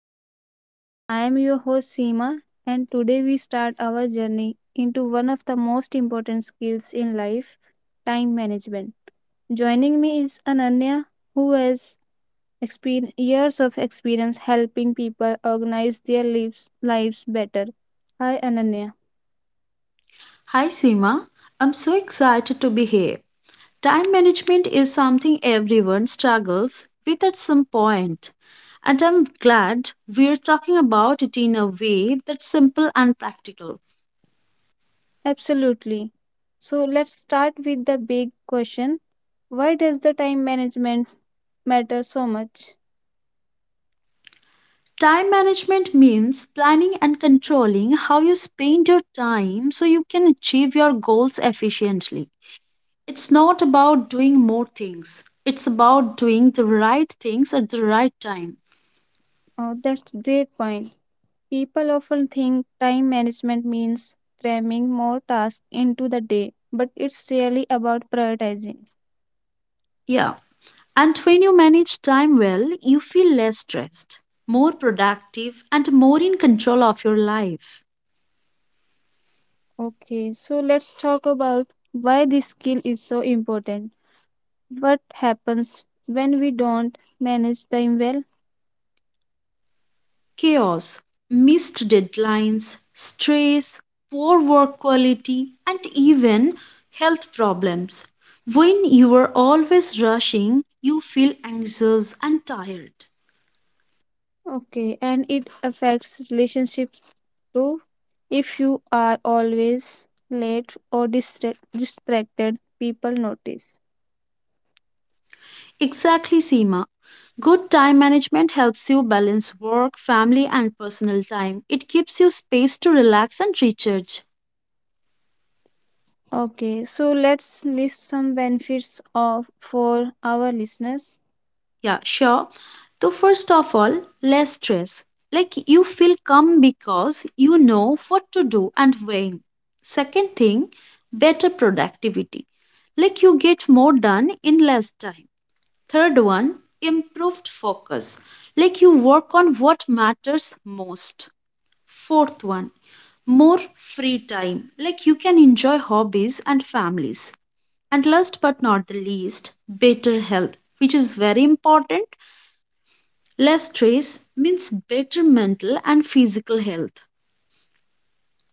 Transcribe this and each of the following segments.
Management. I am your host Seema and today we start our journey into one of the most important skills in life, time management. Joining me is Ananya who has years of experience helping people organize their lives better. Hi Ananya. Hi Seema, I'm so excited to be here. Time management is something everyone struggles with at some point, and I'm glad we're talking about it in a way that's simple and practical. Absolutely. So let's start with the big question. Why does the time management matter so much? Time management means planning and controlling how you spend your time so you can achieve your goals efficiently. It's not about doing more things, it's about doing the right things at the right time. Oh, that's a great point. People often think time management means cramming more tasks into the day, but it's really about prioritizing. Yeah. And when you manage time well, you feel less stressed, more productive, and more in control of your life. Okay, so let's talk about why this skill is so important. What happens when we don't manage time well? Chaos, missed deadlines, stress, poor work quality, and even health problems. When you are always rushing, you feel anxious and tired. Okay, and it affects relationships too. If you are always late or distracted, people notice. Exactly, Seema. Good time management helps you balance work, family, and personal time. It gives you space to relax and recharge. Okay, so let's list some benefits of for our listeners. Yeah, sure. So, first of all, less stress. Like you feel calm because you know what to do and when. Second thing, better productivity. Like you get more done in less time. Third one, improved focus. Like you work on what matters most. Fourth one, more free time. Like you can enjoy hobbies and families. And last but not the least, better health, which is very important. Less stress means better mental and physical health.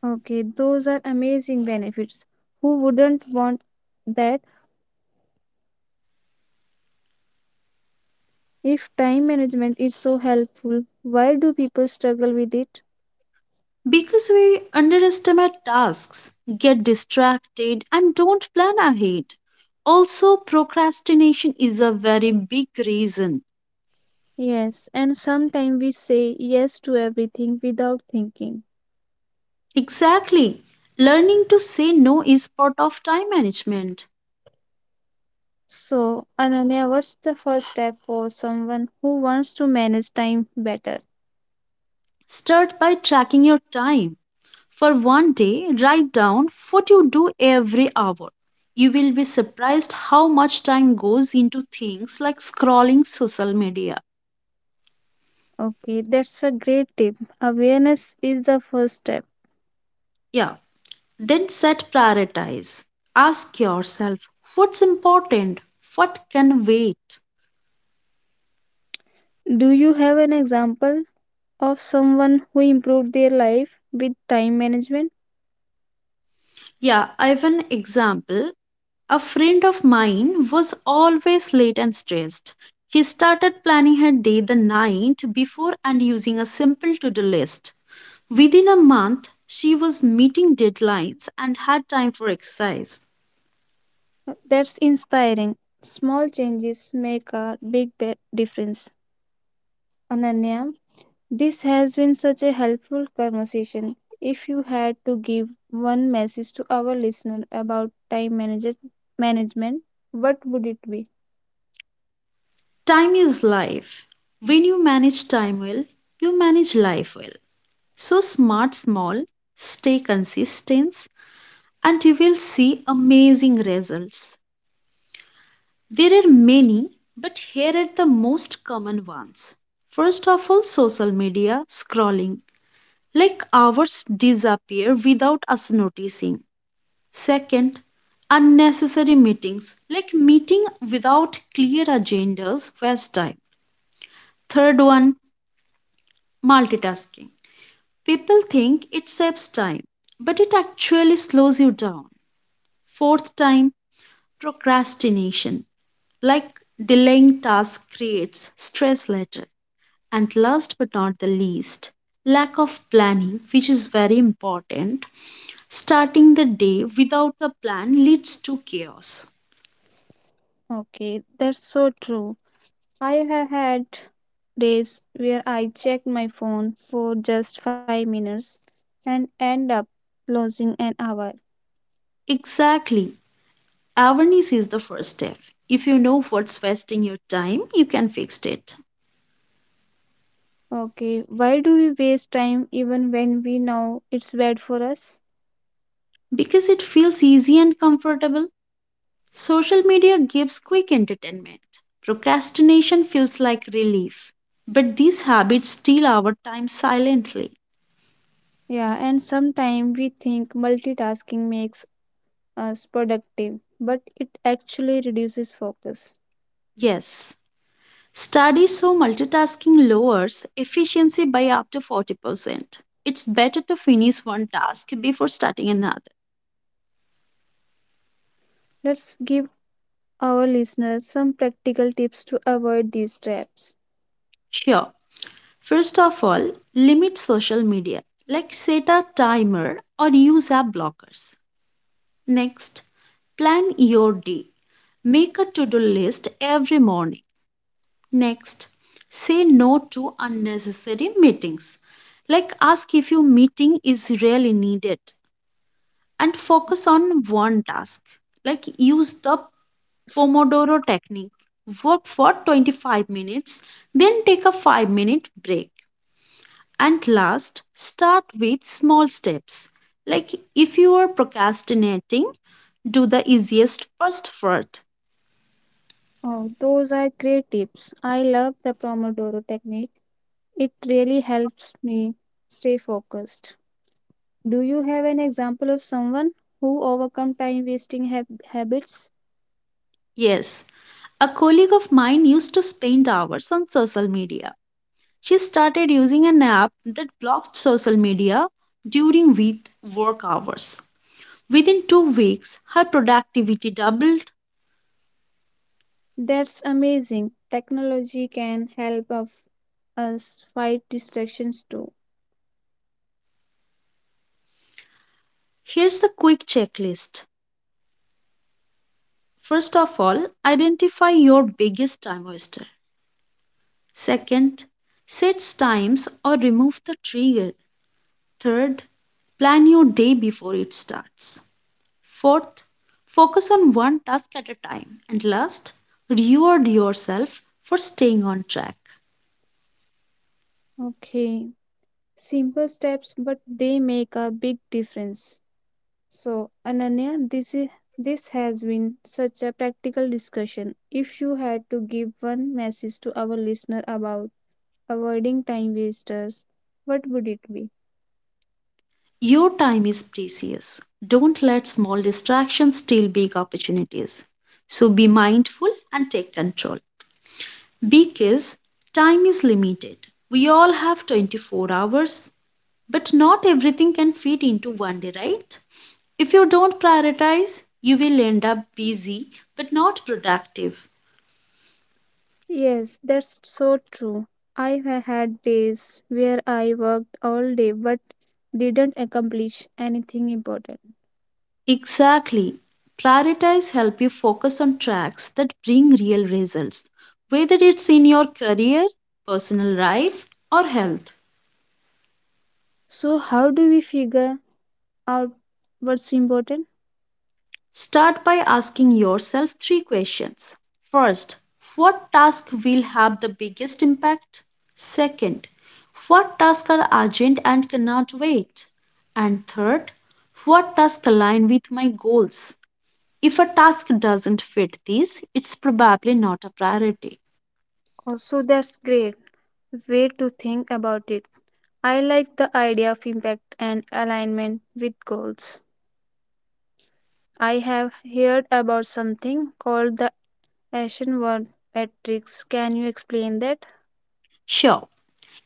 Okay, those are amazing benefits. Who wouldn't want that? If time management is so helpful, why do people struggle with it? Because we underestimate tasks, get distracted, and don't plan ahead. Also, procrastination is a very big reason. Yes, and sometimes we say yes to everything without thinking. Exactly. Learning to say no is part of time management. So, Ananya, what's the first step for someone who wants to manage time better? Start by tracking your time. For one day, write down what you do every hour. You will be surprised how much time goes into things like scrolling social media. Okay, that's a great tip. Awareness is the first step. Yeah. Then set prioritize. Ask yourself, what's important? What can wait? Do you have an example of someone who improved their life with time management? Yeah, I have an example. A friend of mine was always late and stressed. He started planning her day the night before and using a simple to do list. Within a month, she was meeting deadlines and had time for exercise. That's inspiring. Small changes make a big difference. Ananya, this has been such a helpful conversation. If you had to give one message to our listener about time management, what would it be? Time is life. When you manage time well, you manage life well. So smart small, stay consistent, and you will see amazing results. There are many, but here are the most common ones. First of all, social media scrolling. Like hours disappear without us noticing. Second, unnecessary meetings, like meeting without clear agendas waste time. Third one, multitasking. People think it saves time, but it actually slows you down. Fourth time, procrastination, like delaying tasks creates stress later. And last but not the least, lack of planning, which is very important. Starting the day without a plan leads to chaos. Okay, that's so true. I have had days where I checked my phone for just 5 minutes and end up losing an hour. Exactly. Awareness is the first step. If you know what's wasting your time, you can fix it. Okay, why do we waste time even when we know it's bad for us? Because it feels easy and comfortable, social media gives quick entertainment. Procrastination feels like relief. But these habits steal our time silently. Yeah, and sometimes we think multitasking makes us productive, but it actually reduces focus. Yes, studies show multitasking lowers efficiency by up to 40%. It's better to finish one task before starting another. Let's give our listeners some practical tips to avoid these traps. Sure. First of all, limit social media, like set a timer or use app blockers. Next, plan your day. Make a to do list every morning. Next, say no to unnecessary meetings. Like ask if your meeting is really needed and focus on one task. Like use the Pomodoro technique. Work for 25 minutes, then take a 5-minute break. And last, start with small steps. Like if you are procrastinating, do the easiest first. Oh, those are great tips. I love the Pomodoro technique, it really helps me stay focused. Do you have an example of someone who overcome time wasting habits? Yes, a colleague of mine used to spend hours on social media. She started using an app that blocked social media during with work hours. Within 2 weeks, her productivity doubled. That's amazing. Technology can help of us fight distractions too. Here's a quick checklist. First of all, identify your biggest time waster. Second, set times or remove the trigger. Third, plan your day before it starts. Fourth, focus on one task at a time. And last, reward yourself for staying on track. Okay. Simple steps, but they make a big difference. So, Ananya, this has been such a practical discussion. If you had to give one message to our listener about avoiding time wasters, what would it be? Your time is precious. Don't let small distractions steal big opportunities. So be mindful and take control. Because time is limited. We all have 24 hours. But not everything can fit into one day, right? If you don't prioritize, you will end up busy but not productive. Yes, that's so true. I had days where I worked all day but didn't accomplish anything important. Exactly. Prioritize help you focus on tracks that bring real results, whether it's in your career, personal life, or health. So, how do we figure out what's important? Start by asking yourself three questions. First, what task will have the biggest impact? Second, what tasks are urgent and cannot wait? And third, what tasks align with my goals? If a task doesn't fit these, it's probably not a priority. Also, that's great way to think about it. I like the idea of impact and alignment with goals. I have heard about something called the Ashenworth matrix. Can you explain that? Sure,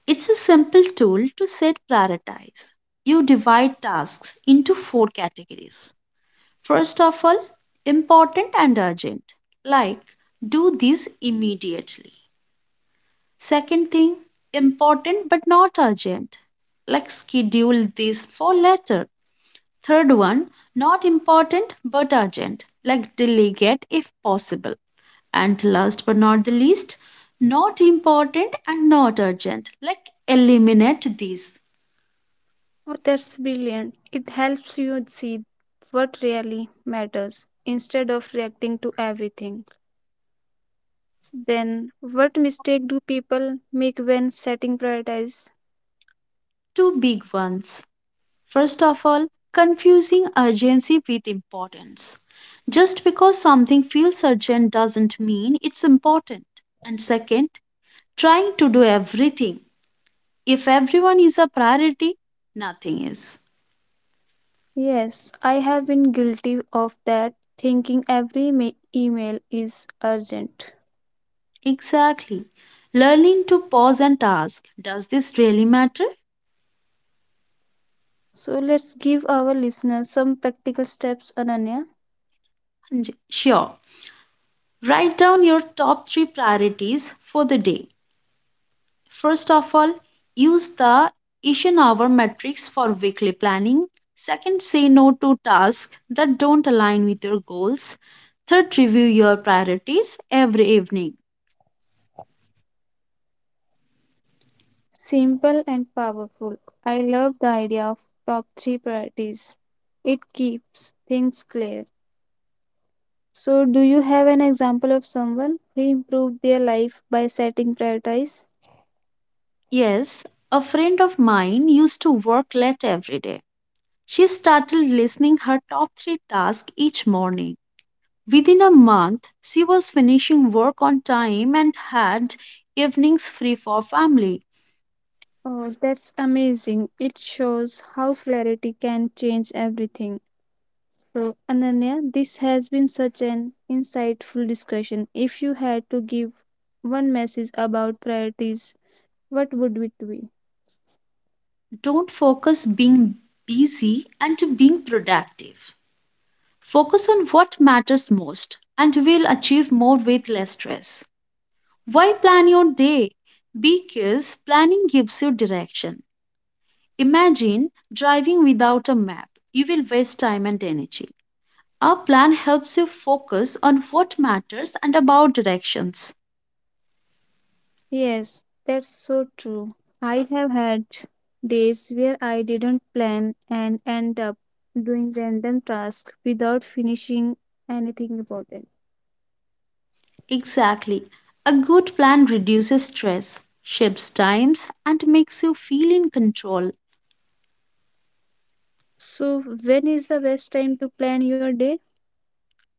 it's a simple tool to set prioritize. You divide tasks into four categories. First of all, important and urgent, like do this immediately. Second thing, important but not urgent, like schedule this for later. Third one, not important but urgent, like delegate if possible. And last but not the least, not important and not urgent, like eliminate these. Oh, that's brilliant. It helps you see what really matters instead of reacting to everything. Then, what mistake do people make when setting priorities? Two big ones. First of all, confusing urgency with importance. Just because something feels urgent doesn't mean it's important. And second, trying to do everything. If everyone is a priority, nothing is. Yes, I have been guilty of that, thinking every email is urgent. Exactly. Learning to pause and ask, does this really matter? So, let's give our listeners some practical steps, Ananya. Sure. Write down your top three priorities for the day. First of all, use the Asian hour metrics for weekly planning. Second, say no to tasks that don't align with your goals. Third, review your priorities every evening. Simple and powerful. I love the idea of top three priorities. It keeps things clear. So, do you have an example of someone who improved their life by setting priorities? Yes, a friend of mine used to work late every day. She started listing her top three tasks each morning. Within a month, she was finishing work on time and had evenings free for family. Oh, that's amazing. It shows how clarity can change everything. So, Ananya, this has been such an insightful discussion. If you had to give one message about priorities, what would it be? Don't focus being busy and to being productive. Focus on what matters most and you will achieve more with less stress. Why plan your day? Because planning gives you direction. Imagine driving without a map. You will waste time and energy. A plan helps you focus on what matters and about directions. Yes, that's so true. I have had days where I didn't plan and end up doing random tasks without finishing anything important. Exactly. A good plan reduces stress, shapes times, and makes you feel in control. So, when is the best time to plan your day?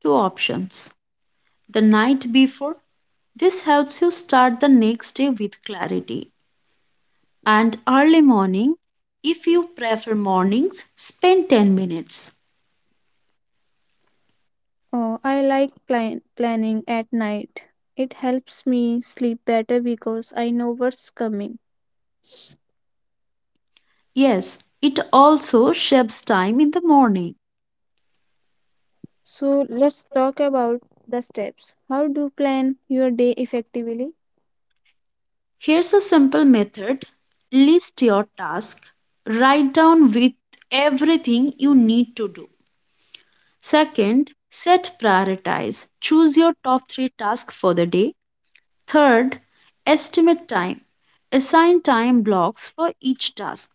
Two options, the night before. This helps you start the next day with clarity. And early morning, if you prefer mornings, spend 10 minutes. Oh, I like planning at night. It helps me sleep better because I know what's coming. Yes, it also shaves time in the morning. So, let's talk about the steps. How do you plan your day effectively? Here's a simple method. List your task, write down with everything you need to do. Second, set prioritize. Choose your top three tasks for the day. Third, estimate time. Assign time blocks for each task.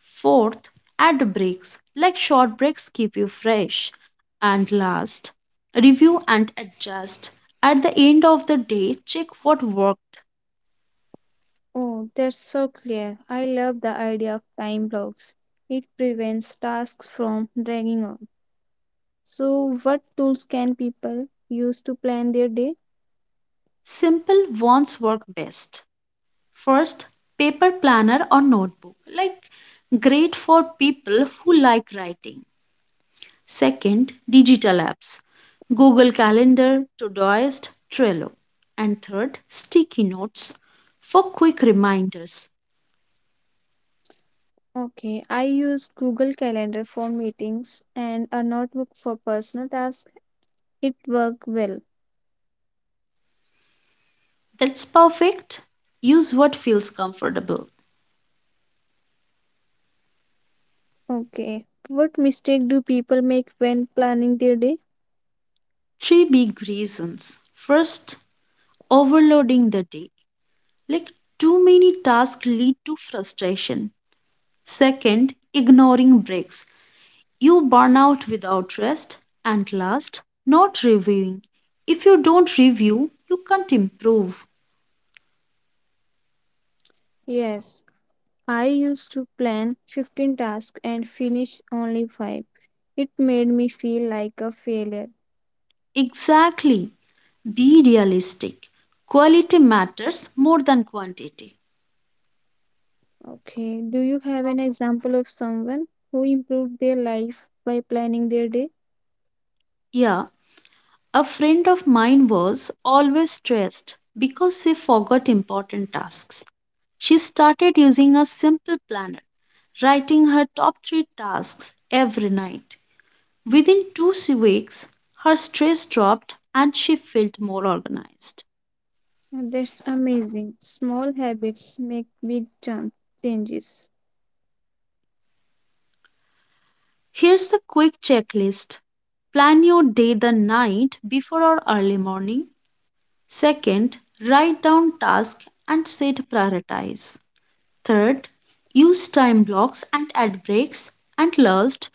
Fourth, add breaks. Like short breaks keep you fresh. And last, review and adjust. At the end of the day, check what worked. Oh, that's so clear. I love the idea of time blocks. It prevents tasks from dragging on. So, what tools can people use to plan their day? Simple ones work best. First, paper planner or notebook. Like great for people who like writing. Second, digital apps. Google Calendar, Todoist, Trello. And third, sticky notes for quick reminders. Okay, I use Google Calendar for meetings and a notebook for personal tasks. It works well. That's perfect. Use what feels comfortable. Okay, what mistake do people make when planning their day? Three big reasons. First, overloading the day. Like too many tasks lead to frustration. Second, ignoring breaks. You burn out without rest. And last, not reviewing. If you don't review, you can't improve. Yes, I used to plan 15 tasks and finish only 5. It made me feel like a failure. Exactly. Be realistic. Quality matters more than quantity. Okay. Do you have an example of someone who improved their life by planning their day? Yeah, a friend of mine was always stressed because she forgot important tasks. She started using a simple planner, writing her top three tasks every night. Within 2 weeks, her stress dropped and she felt more organized. That's amazing. Small habits make big changes. Here's the quick checklist. Plan your day the night before or early morning. Second, write down tasks and set prioritize. Third, use time blocks and add breaks. And last,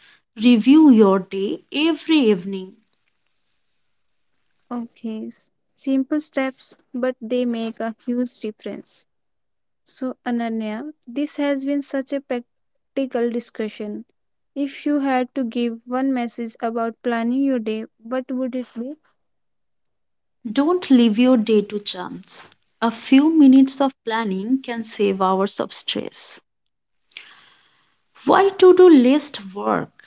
review your day every evening. Okay. Simple steps, but they make a huge difference. So, Ananya, this has been such a practical discussion. If you had to give one message about planning your day, what would it be? Don't leave your day to chance. A few minutes of planning can save hours of stress. Why to do list work?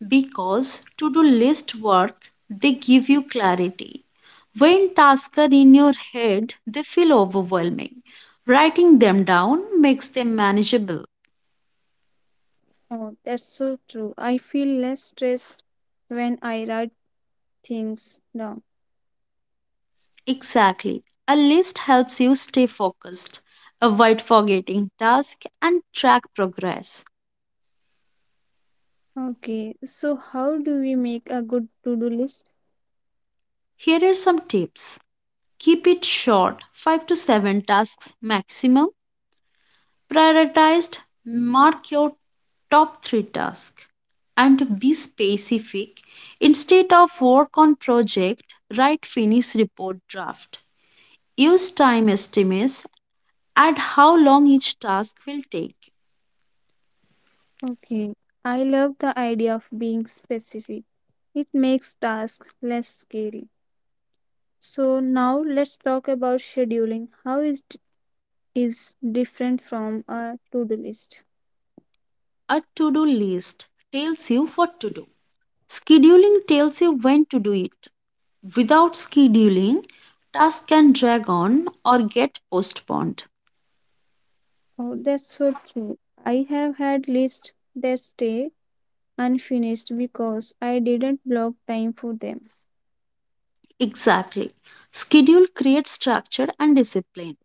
Because to do list work, they give you clarity. When tasks are in your head, they feel overwhelming. Writing them down makes them manageable. Oh, that's so true. I feel less stressed when I write things down. Exactly. A list helps you stay focused, avoid forgetting tasks, and track progress. Okay, so how do we make a good to-do list? Here are some tips. Keep it short, 5 to 7 tasks maximum. Prioritized, mark your top 3 tasks and be specific. Instead of work on project, write finish report draft. Use time estimates at how long each task will take. Okay, I love the idea of being specific. It makes tasks less scary. So now let's talk about scheduling. How is different from a to-do list? A to do list tells you what to do. Scheduling tells you when to do it. Without scheduling, tasks can drag on or get postponed. Oh, that's so true. I have had lists that stay unfinished because I didn't block time for them. Exactly. Schedule creates structure and discipline.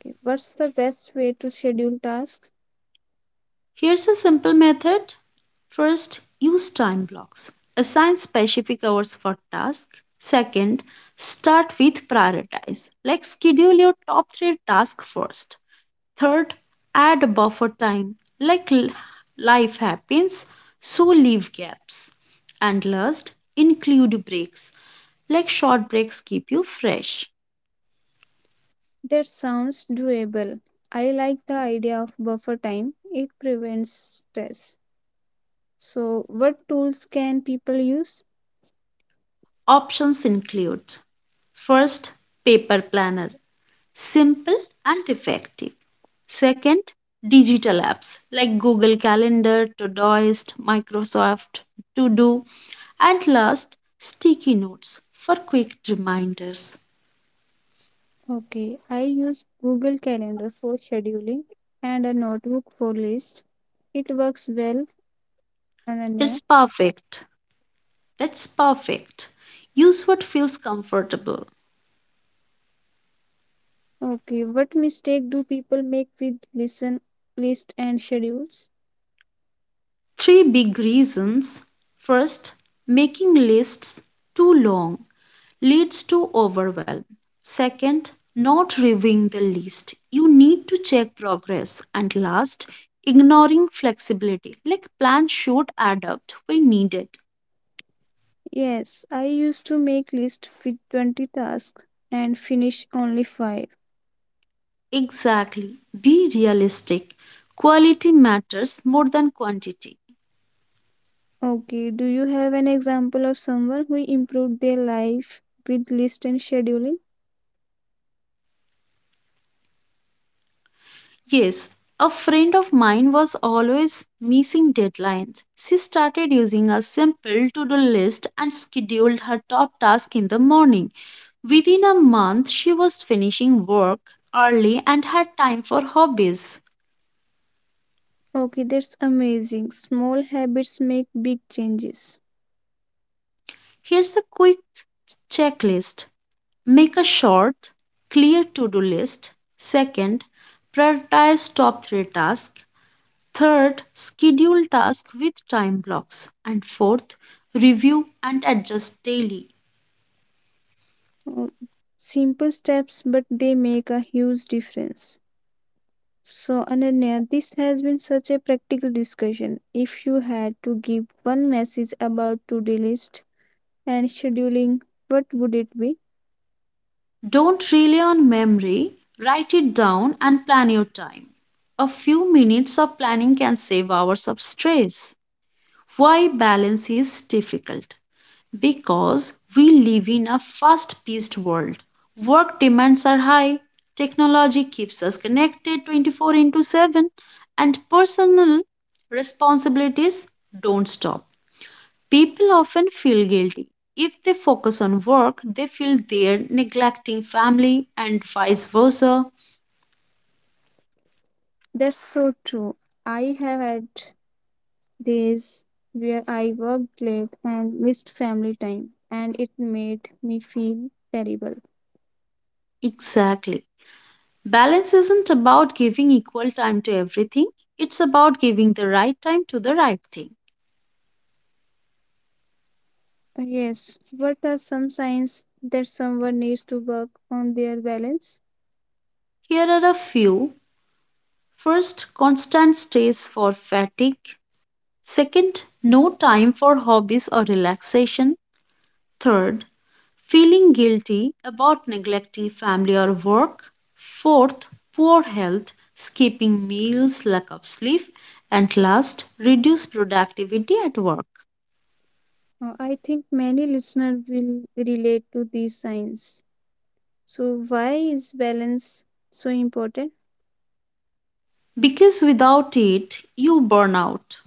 Okay, what's the best way to schedule tasks? Here's a simple method. First, use time blocks. Assign specific hours for tasks. Second, start with prioritize. Like schedule your top three tasks first. Third, add a buffer time. Like life happens, so leave gaps. And last, include breaks. Like short breaks keep you fresh. That sounds doable. I like the idea of buffer time. It prevents stress. So, what tools can people use? Options include, first, paper planner. Simple and effective. Second, digital apps like Google Calendar, Todoist, Microsoft To Do, and last, sticky notes for quick reminders. Okay, I use Google Calendar for scheduling and a notebook for list. It works well, Ananya. That's perfect. That's perfect. Use what feels comfortable. Okay, what mistake do people make with listen list and schedules? Three big reasons. First, making lists too long. Leads to overwhelm. Second, not reviewing the list. You need to check progress. And last, ignoring flexibility. Like plans should adapt when needed. Yes, I used to make list with 20 tasks and finish only 5. Exactly. Be realistic. Quality matters more than quantity. Okay, do you have an example of someone who improved their life with list and scheduling? Yes, a friend of mine was always missing deadlines. She started using a simple to do list and scheduled her top task in the morning. Within a month, she was finishing work early and had time for hobbies. Okay, that's amazing. Small habits make big changes. Here's a quick checklist. Make a short, clear to do list. Second, prioritize top three tasks. Third, schedule tasks with time blocks. And fourth, review and adjust daily. Oh, simple steps, but they make a huge difference. So, Ananya, this has been such a practical discussion. If you had to give one message about to-do list and scheduling, what would it be? Don't rely on memory, write it down and plan your time. A few minutes of planning can save hours of stress. Why balance is difficult? Because we live in a fast paced world. Work demands are high, technology keeps us connected 24 into 7, and personal responsibilities don't stop. People often feel guilty. If they focus on work, they feel they're neglecting family and vice versa. That's so true. I have had days where I worked late and missed family time, and it made me feel terrible. Exactly. Balance isn't about giving equal time to everything, it's about giving the right time to the right thing. Yes, what are some signs that someone needs to work on their balance? Here are a few. First, constant stays for fatigue. Second, no time for hobbies or relaxation. Third, feeling guilty about neglecting family or work. Fourth, poor health, skipping meals, lack of sleep. And last, reduced productivity at work. I think many listeners will relate to these signs. So, why is balance so important? Because without it, you burn out.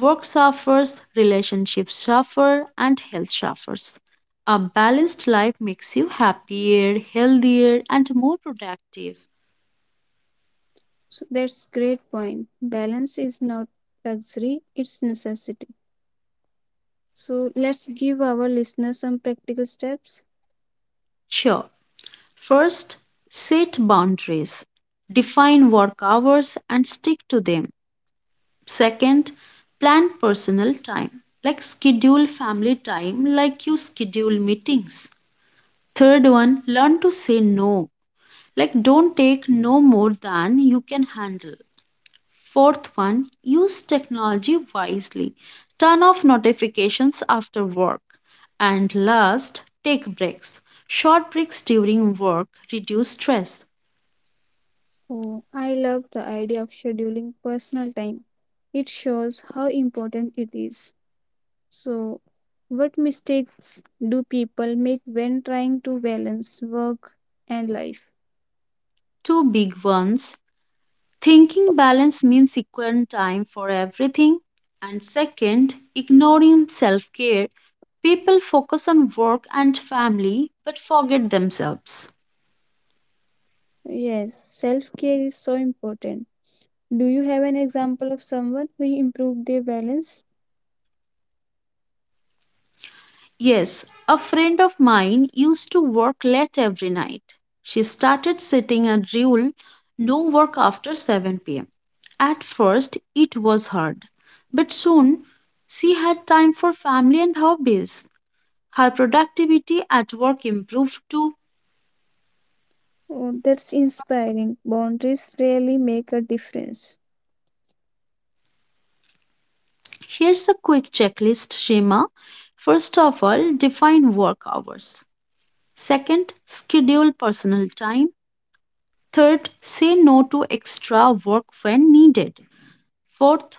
Work suffers, relationships suffer, and health suffers. A balanced life makes you happier, healthier, and more productive. So, that's great point. Balance is not luxury; it's necessity. So, let's give our listeners some practical steps. Sure. First, set boundaries. Define work hours and stick to them. Second, plan personal time. Like schedule family time like you schedule meetings. Third one, learn to say no. Like, don't take no more than you can handle. Fourth one, use technology wisely. Turn off notifications after work. And last, take breaks. Short breaks during work reduce stress. Oh, I love the idea of scheduling personal time. It shows how important it is. So, what mistakes do people make when trying to balance work and life? Two big ones. Thinking balance means equal time for everything. And second, ignoring self care. People focus on work and family but forget themselves. Yes, self care is so important. Do you have an example of someone who improved their balance? Yes, a friend of mine used to work late every night. She started setting a rule: no work after 7 pm. At first, it was hard, but soon she had time for family and hobbies. Her productivity at work improved too. Oh, that's inspiring. Boundaries really make a difference. Here's a quick checklist, Shema. First of all, define work hours. Second, schedule personal time. Third, say no to extra work when needed. Fourth,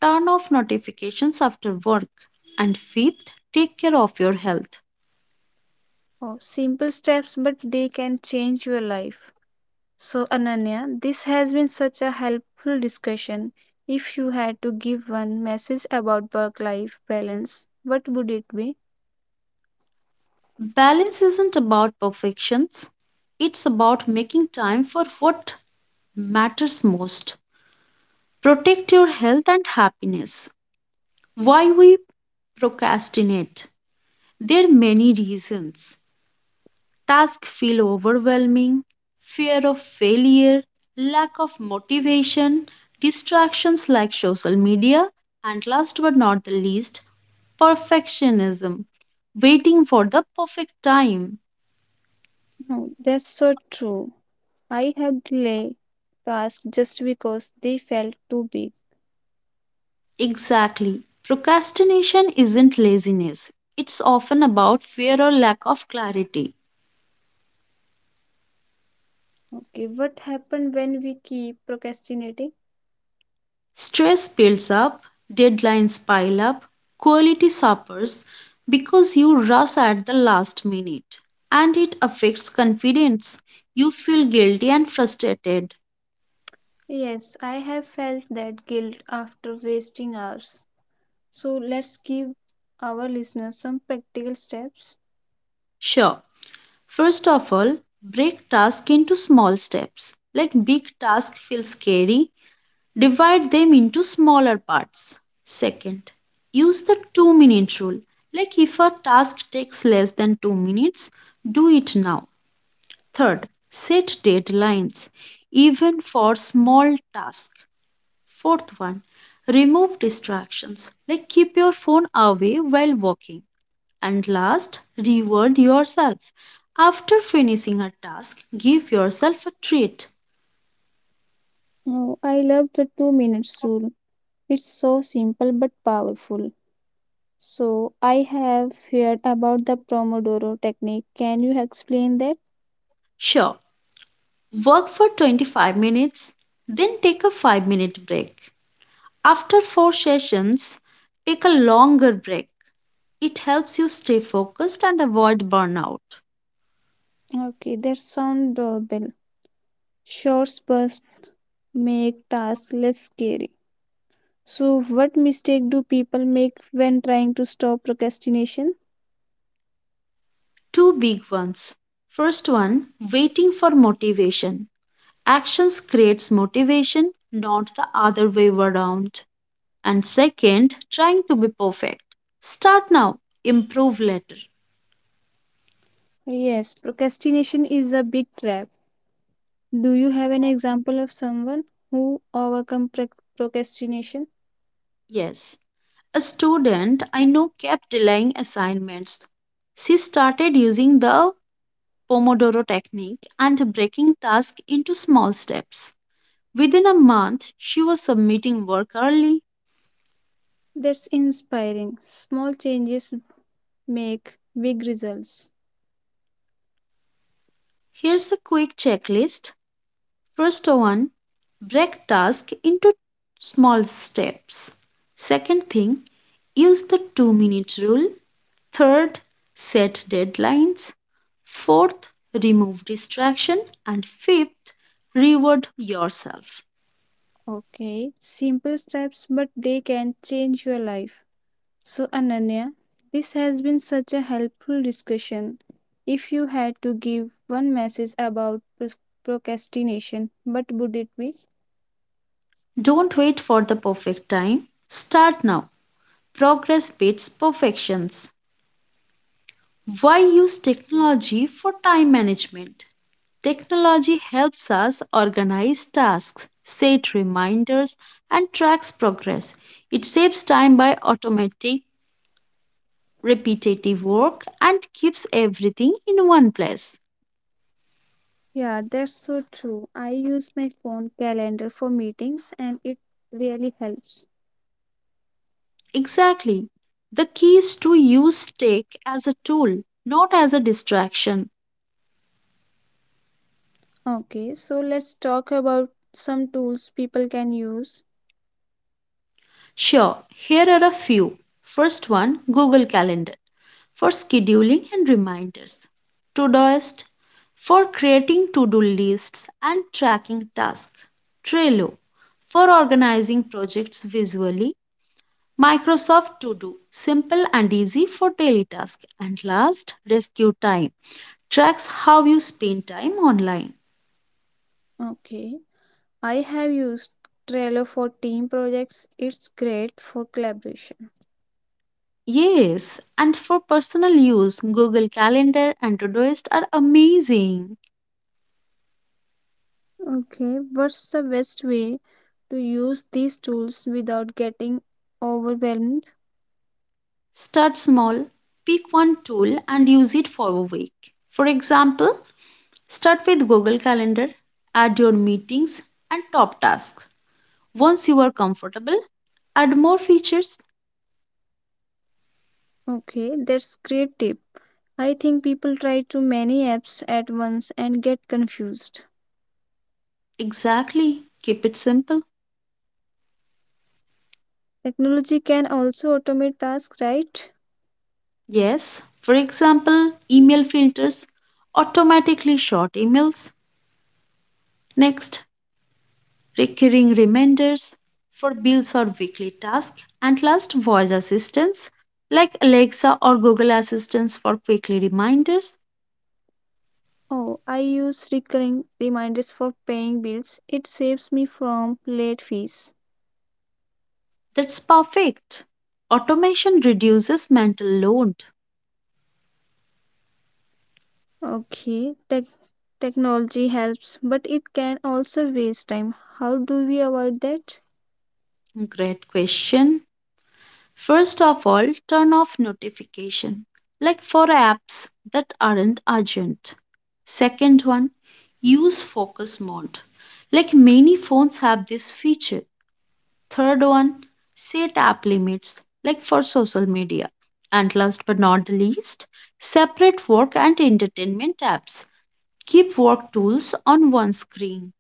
turn off notifications after work. And fifth, take care of your health. Oh, simple steps, but they can change your life. So, Ananya, this has been such a helpful discussion. If you had to give one message about work life balance, what would it be? Balance isn't about perfections, it's about making time for what matters most. Protect your health and happiness. Why we procrastinate? There are many reasons. Tasks feel overwhelming, fear of failure, lack of motivation, distractions like social media, and last but not the least, perfectionism, waiting for the perfect time. No, that's so true. I have delayed tasks just because they felt too big. Exactly. Procrastination isn't laziness, it's often about fear or lack of clarity. Okay, what happened when we keep procrastinating? Stress builds up, deadlines pile up, quality suffers because you rush at the last minute. And it affects confidence. You feel guilty and frustrated. Yes, I have felt that guilt after wasting hours. So, let's give our listeners some practical steps. Sure, first of all, break task into small steps. Like big task feels scary. Divide them into smaller parts. Second, use the 2-minute rule. Like if a task takes less than 2 minutes, do it now. Third, set deadlines even for small tasks. Fourth one, remove distractions. Like keep your phone away while working. And last, reward yourself. After finishing a task, give yourself a treat. No, I love the 2 minutes rule. It's so simple but powerful. So, I have heard about the Pomodoro technique. Can you explain that? Sure, work for 25 minutes, then take a 5-minute break. After 4 sessions, take a longer break. It helps you stay focused and avoid burnout. Okay, that sounds doable. Short bursts make tasks less scary. So, what mistake do people make when trying to stop procrastination? Two big ones. First one, waiting for motivation. Actions creates motivation, not the other way around. And second, trying to be perfect. Start now, improve later. Yes, procrastination is a big trap. Do you have an example of someone who overcome procrastination? Yes. A student I know kept delaying assignments. She started using the Pomodoro technique and breaking tasks into small steps. Within a month, she was submitting work early. That's inspiring. Small changes make big results. Here's a quick checklist. First one, break task into small steps. Second thing, use the 2-minute rule. Third, set deadlines. Fourth, remove distraction. And fifth, reward yourself. Okay, simple steps, but they can change your life. So, Ananya, this has been such a helpful discussion. If you had to give one message about procrastination, what would it be? Don't wait for the perfect time. Start now. Progress beats perfections. Why use technology for time management? Technology helps us organize tasks, set reminders, and tracks progress. It saves time by automatic, repetitive work and keeps everything in one place. Yeah, that's so true. I use my phone calendar for meetings and it really helps. Exactly. The key is to use tech as a tool, not as a distraction. Okay, so let's talk about some tools people can use. Sure, here are a few. First one, Google Calendar for scheduling and reminders, Todoist for creating to do lists and tracking tasks, Trello for organizing projects visually, Microsoft To Do simple and easy for daily tasks, and last, Rescue Time tracks how you spend time online. Okay, I have used Trello for team projects, it's great for collaboration. Yes, and for personal use, Google Calendar and Todoist are amazing. Okay, what's the best way to use these tools without getting overwhelmed? Start small, pick one tool and use it for a week. For example, start with Google Calendar, add your meetings and top tasks. Once you are comfortable, add more features. Okay, that's great tip. I think people try too many apps at once and get confused. Exactly, keep it simple. Technology can also automate tasks, right? Yes, for example, email filters, automatically short emails. Next, recurring reminders for bills or weekly tasks, and last, voice assistants like Alexa or Google Assistants for quickly reminders. Oh, I use recurring reminders for paying bills. It saves me from late fees. That's perfect. Automation reduces mental load. Okay, tech technology helps, but it can also waste time. How do we avoid that? Great question. First of all, turn off notification, like for apps that aren't urgent. Second one, use focus mode. Like many phones have this feature. Third one, set app limits like for social media. And last but not the least, separate work and entertainment apps. Keep work tools on one screen.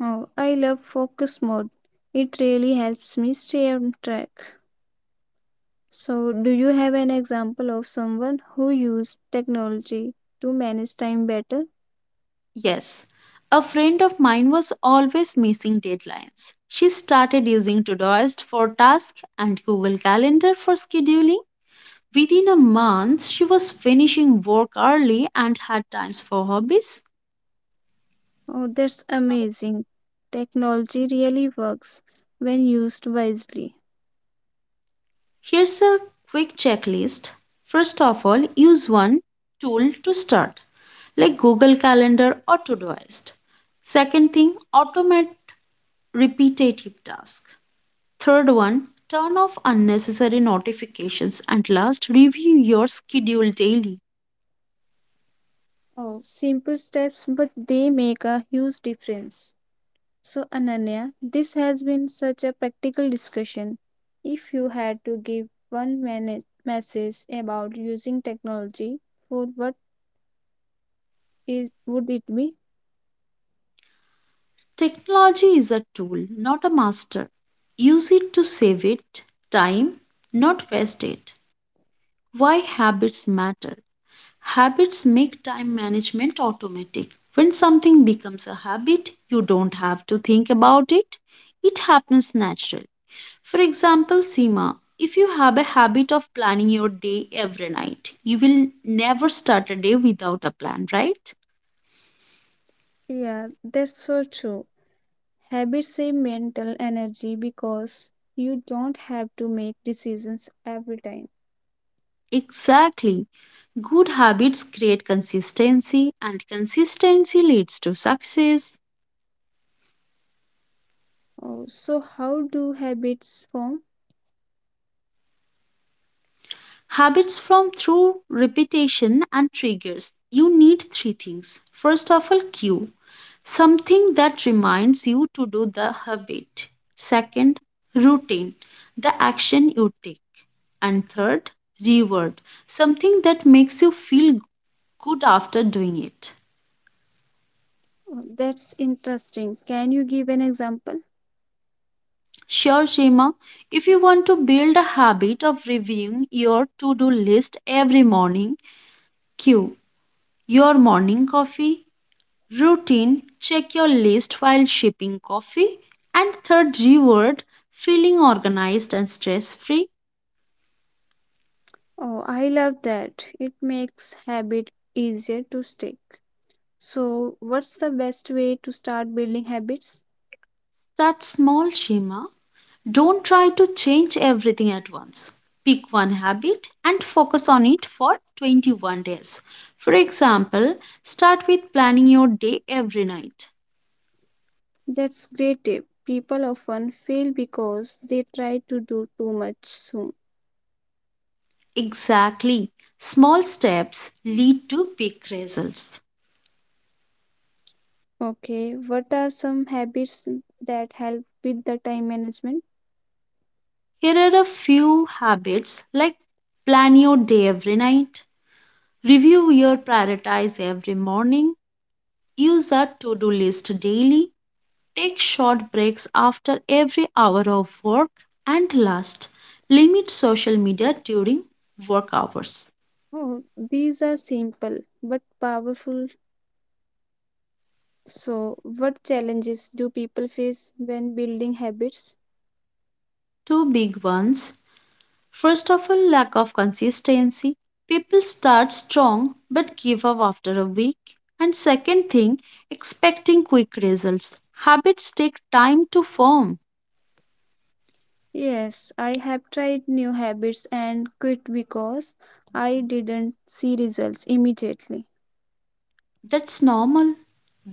Oh, I love focus mode. It really helps me stay on track. So, do you have an example of someone who used technology to manage time better? Yes, a friend of mine was always missing deadlines. She started using Todoist for tasks and Google Calendar for scheduling. Within a month, she was finishing work early and had times for hobbies. Oh, that's amazing. Technology really works when used wisely. Here's a quick checklist. First of all, use one tool to start, like Google Calendar or Todoist. Second thing, automate repetitive tasks. Third one, turn off unnecessary notifications. And last, review your schedule daily. Oh, simple steps, but they make a huge difference. So, Ananya, this has been such a practical discussion. If you had to give one message about using technology for what is would it be? Technology is a tool, not a master. Use it to save it time, not waste it. Why habits matter. Habits make time management automatic. When something becomes a habit, you don't have to think about it. It happens natural. For example, Seema, if you have a habit of planning your day every night, you will never start a day without a plan, right? Yeah, that's so true. Habits save mental energy because you don't have to make decisions every time. Exactly. Good habits create consistency and consistency leads to success. Oh, so how do habits form? Habits form through repetition and triggers. You need three things. First of all, cue. Something that reminds you to do the habit. Second, routine, the action you take. And third, reward, something that makes you feel good after doing it. Oh, that's interesting. Can you give an example? Sure, Seema, if you want to build a habit of reviewing your to do list every morning, Q. Your morning coffee. Routine. Check your list while shipping coffee. And third, reward. Feeling organized and stress free. Oh, I love that. It makes habit easier to stick. So, what's the best way to start building habits? That's small, Shima. Don't try to change everything at once. Pick one habit and focus on it for 21 days. For example, start with planning your day every night. That's great tip. People often fail because they try to do too much soon. Exactly. Small steps lead to big results. Okay, what are some habits that help with the time management? Here are a few habits like plan your day every night, review your prioritize every morning, use a to do list daily, take short breaks after every hour of work, and last, limit social media during work hours. Oh, these are simple but powerful. So, what challenges do people face when building habits? Two big ones. First of all, lack of consistency. People start strong but give up after a week. And second thing, expecting quick results. Habits take time to form. Yes, I have tried new habits and quit because I didn't see results immediately. That's normal.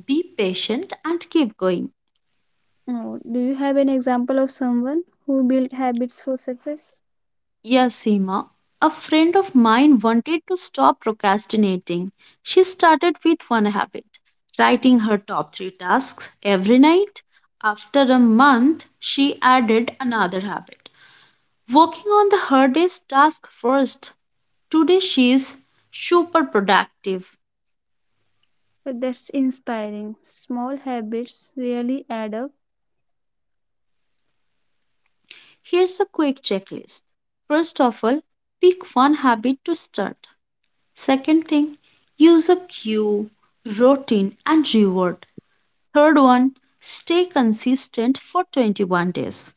Be patient and keep going. Oh, do you have an example of someone who built habits for success? Yes, Seema. A friend of mine wanted to stop procrastinating. She started with one habit, writing her top three tasks every night. After a month, she added another habit, working on the hardest task first. Today, she is super productive. That's inspiring. Small habits really add up. Here's a quick checklist. First of all, pick one habit to start. Second thing, use a cue, routine, and reward. Third one, stay consistent for 21 days.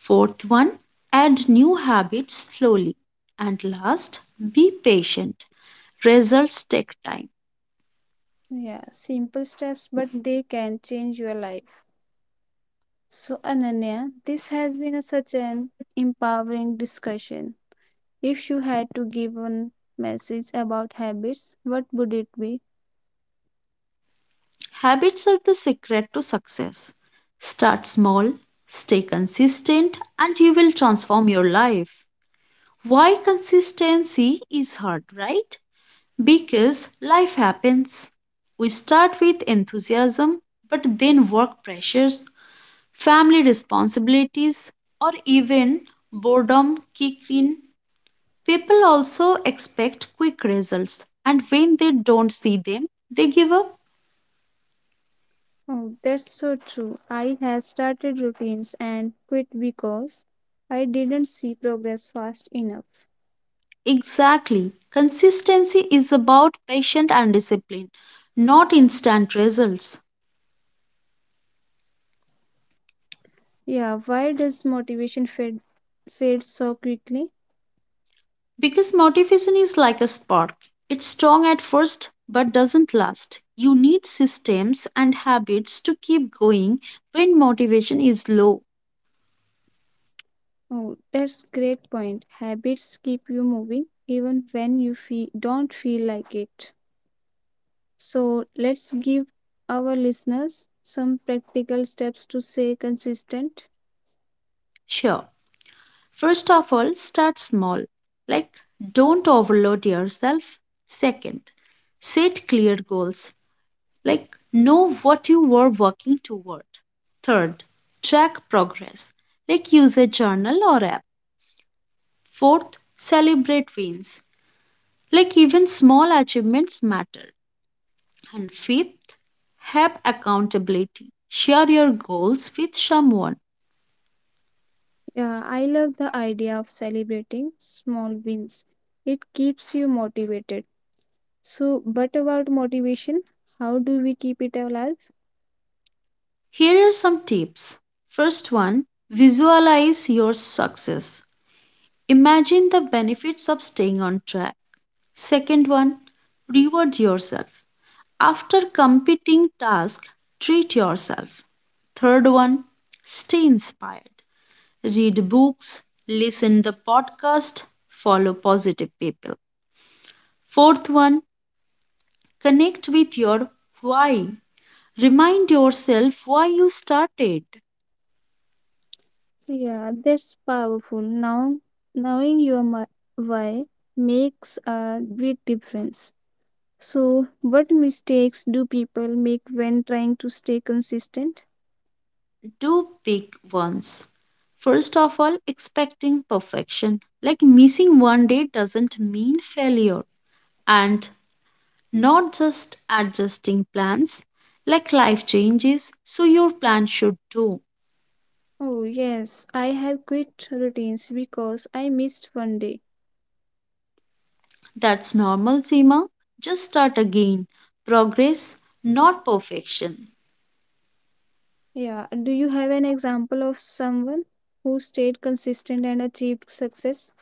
Fourth one, add new habits slowly. And last, be patient. Results take time. Yeah, simple steps, but they can change your life. So, Ananya, this has been such an empowering discussion. If you had to give one message about habits, what would it be? Habits are the secret to success. Start small, stay consistent, and you will transform your life. Why consistency is hard, right? Because life happens. We start with enthusiasm, but then work pressures, family responsibilities, or even boredom kick in. People also expect quick results, and when they don't see them, they give up. Oh, that's so true. I have started routines and quit because I didn't see progress fast enough. Exactly. Consistency is about patience and discipline, not instant results. Yeah, why does motivation fade so quickly? Because motivation is like a spark, it's strong at first but doesn't last. You need systems and habits to keep going when motivation is low. Oh, that's great point. Habits keep you moving even when you don't feel like it. So let's give our listeners some practical steps to stay consistent. Sure. First of all, start small, like don't overload yourself. Second, set clear goals, like know what you are working toward. Third, track progress, like use a journal or app. Fourth, celebrate wins, like even small achievements matter. And fifth, have accountability. Share your goals with someone. Yeah, I love the idea of celebrating small wins. It keeps you motivated. So, but about motivation, how do we keep it alive? Here are some tips. First one, visualize your success. Imagine the benefits of staying on track. Second one, reward yourself. After completing task, treat yourself. Third one, stay inspired. Read books, listen the podcast, follow positive people. Fourth one, connect with your why. Remind yourself why you started. Yeah, that's powerful. Now, knowing your why makes a big difference. So, what mistakes do people make when trying to stay consistent? Two big ones. First of all, expecting perfection. Like missing one day doesn't mean failure. And not just adjusting plans, like life changes, so your plan should too. Oh, yes, I have quit routines because I missed one day. That's normal, Seema. Just start again. Progress, not perfection. Yeah, do you have an example of someone who stayed consistent and achieved success?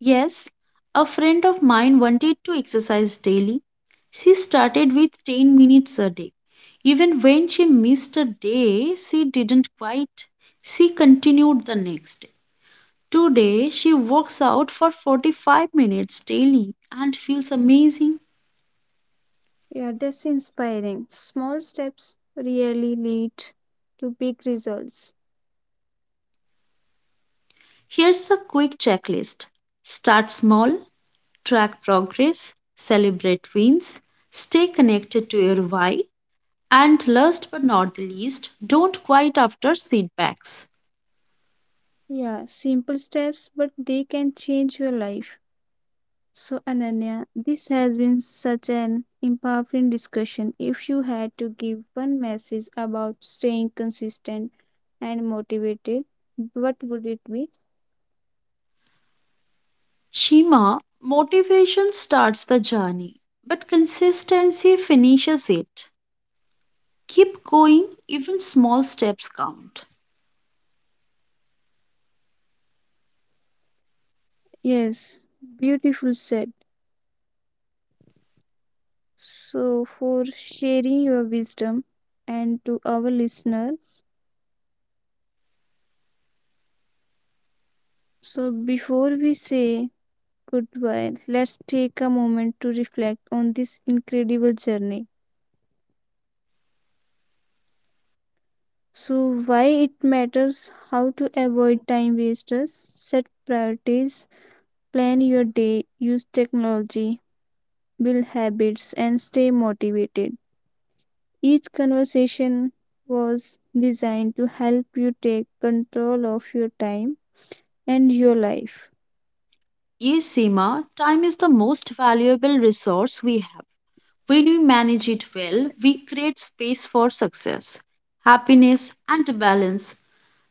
Yes, a friend of mine wanted to exercise daily. She started with 10 minutes a day. Even when she missed a day, she didn't quit. She continued the next day. Today, she works out for 45 minutes daily and feels amazing. Yeah, that's inspiring. Small steps really lead to big results. Here's a quick checklist, start small, track progress, celebrate wins, stay connected to your why, and last but not the least, don't quit after setbacks. Yeah, simple steps, but they can change your life. So, Ananya, this has been such an empowering discussion. If you had to give one message about staying consistent and motivated, what would it be? Shima, motivation starts the journey, but consistency finishes it. Keep going, even small steps count. Yes, beautiful said. So, for sharing your wisdom and to our listeners. So, before we say goodbye, let's take a moment to reflect on this incredible journey. So, why it matters how to avoid time wasters, set priorities, plan your day, use technology, build habits, and stay motivated. Each conversation was designed to help you take control of your time and your life. Yes, Seema, time is the most valuable resource we have. When we manage it well, we create space for success, happiness, and balance.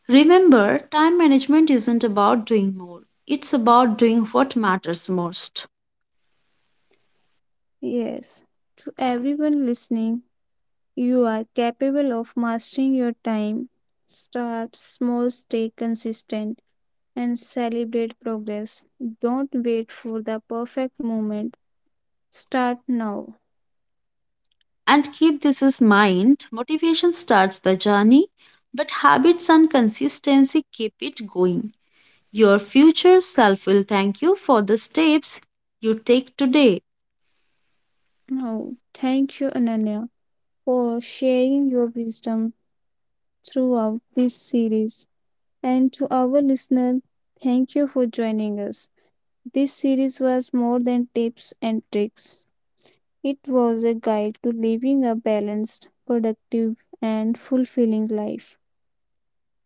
Remember, time management isn't about doing more, it's about doing what matters most. Yes, to everyone listening, you are capable of mastering your time. Start small, stay consistent, and celebrate progress. Don't wait for the perfect moment. Start now. And keep this in mind, motivation starts the journey, but habits and consistency keep it going. Your future self will thank you for the steps you take today. Now, thank you, Ananya, for sharing your wisdom throughout this series. And to our listener, thank you for joining us. This series was more than tips and tricks. It was a guide to living a balanced, productive, and fulfilling life.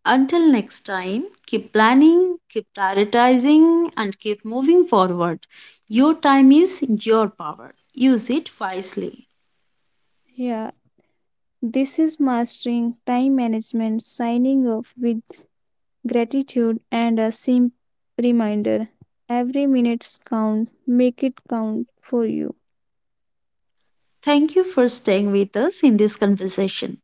Until next time, keep planning, keep prioritizing, and keep moving forward. Your time is your power. Use it wisely. Yeah, this is mastering time management, signing off with gratitude, and a simple reminder, every minute counts, make it count for you. Thank you for staying with us in this conversation.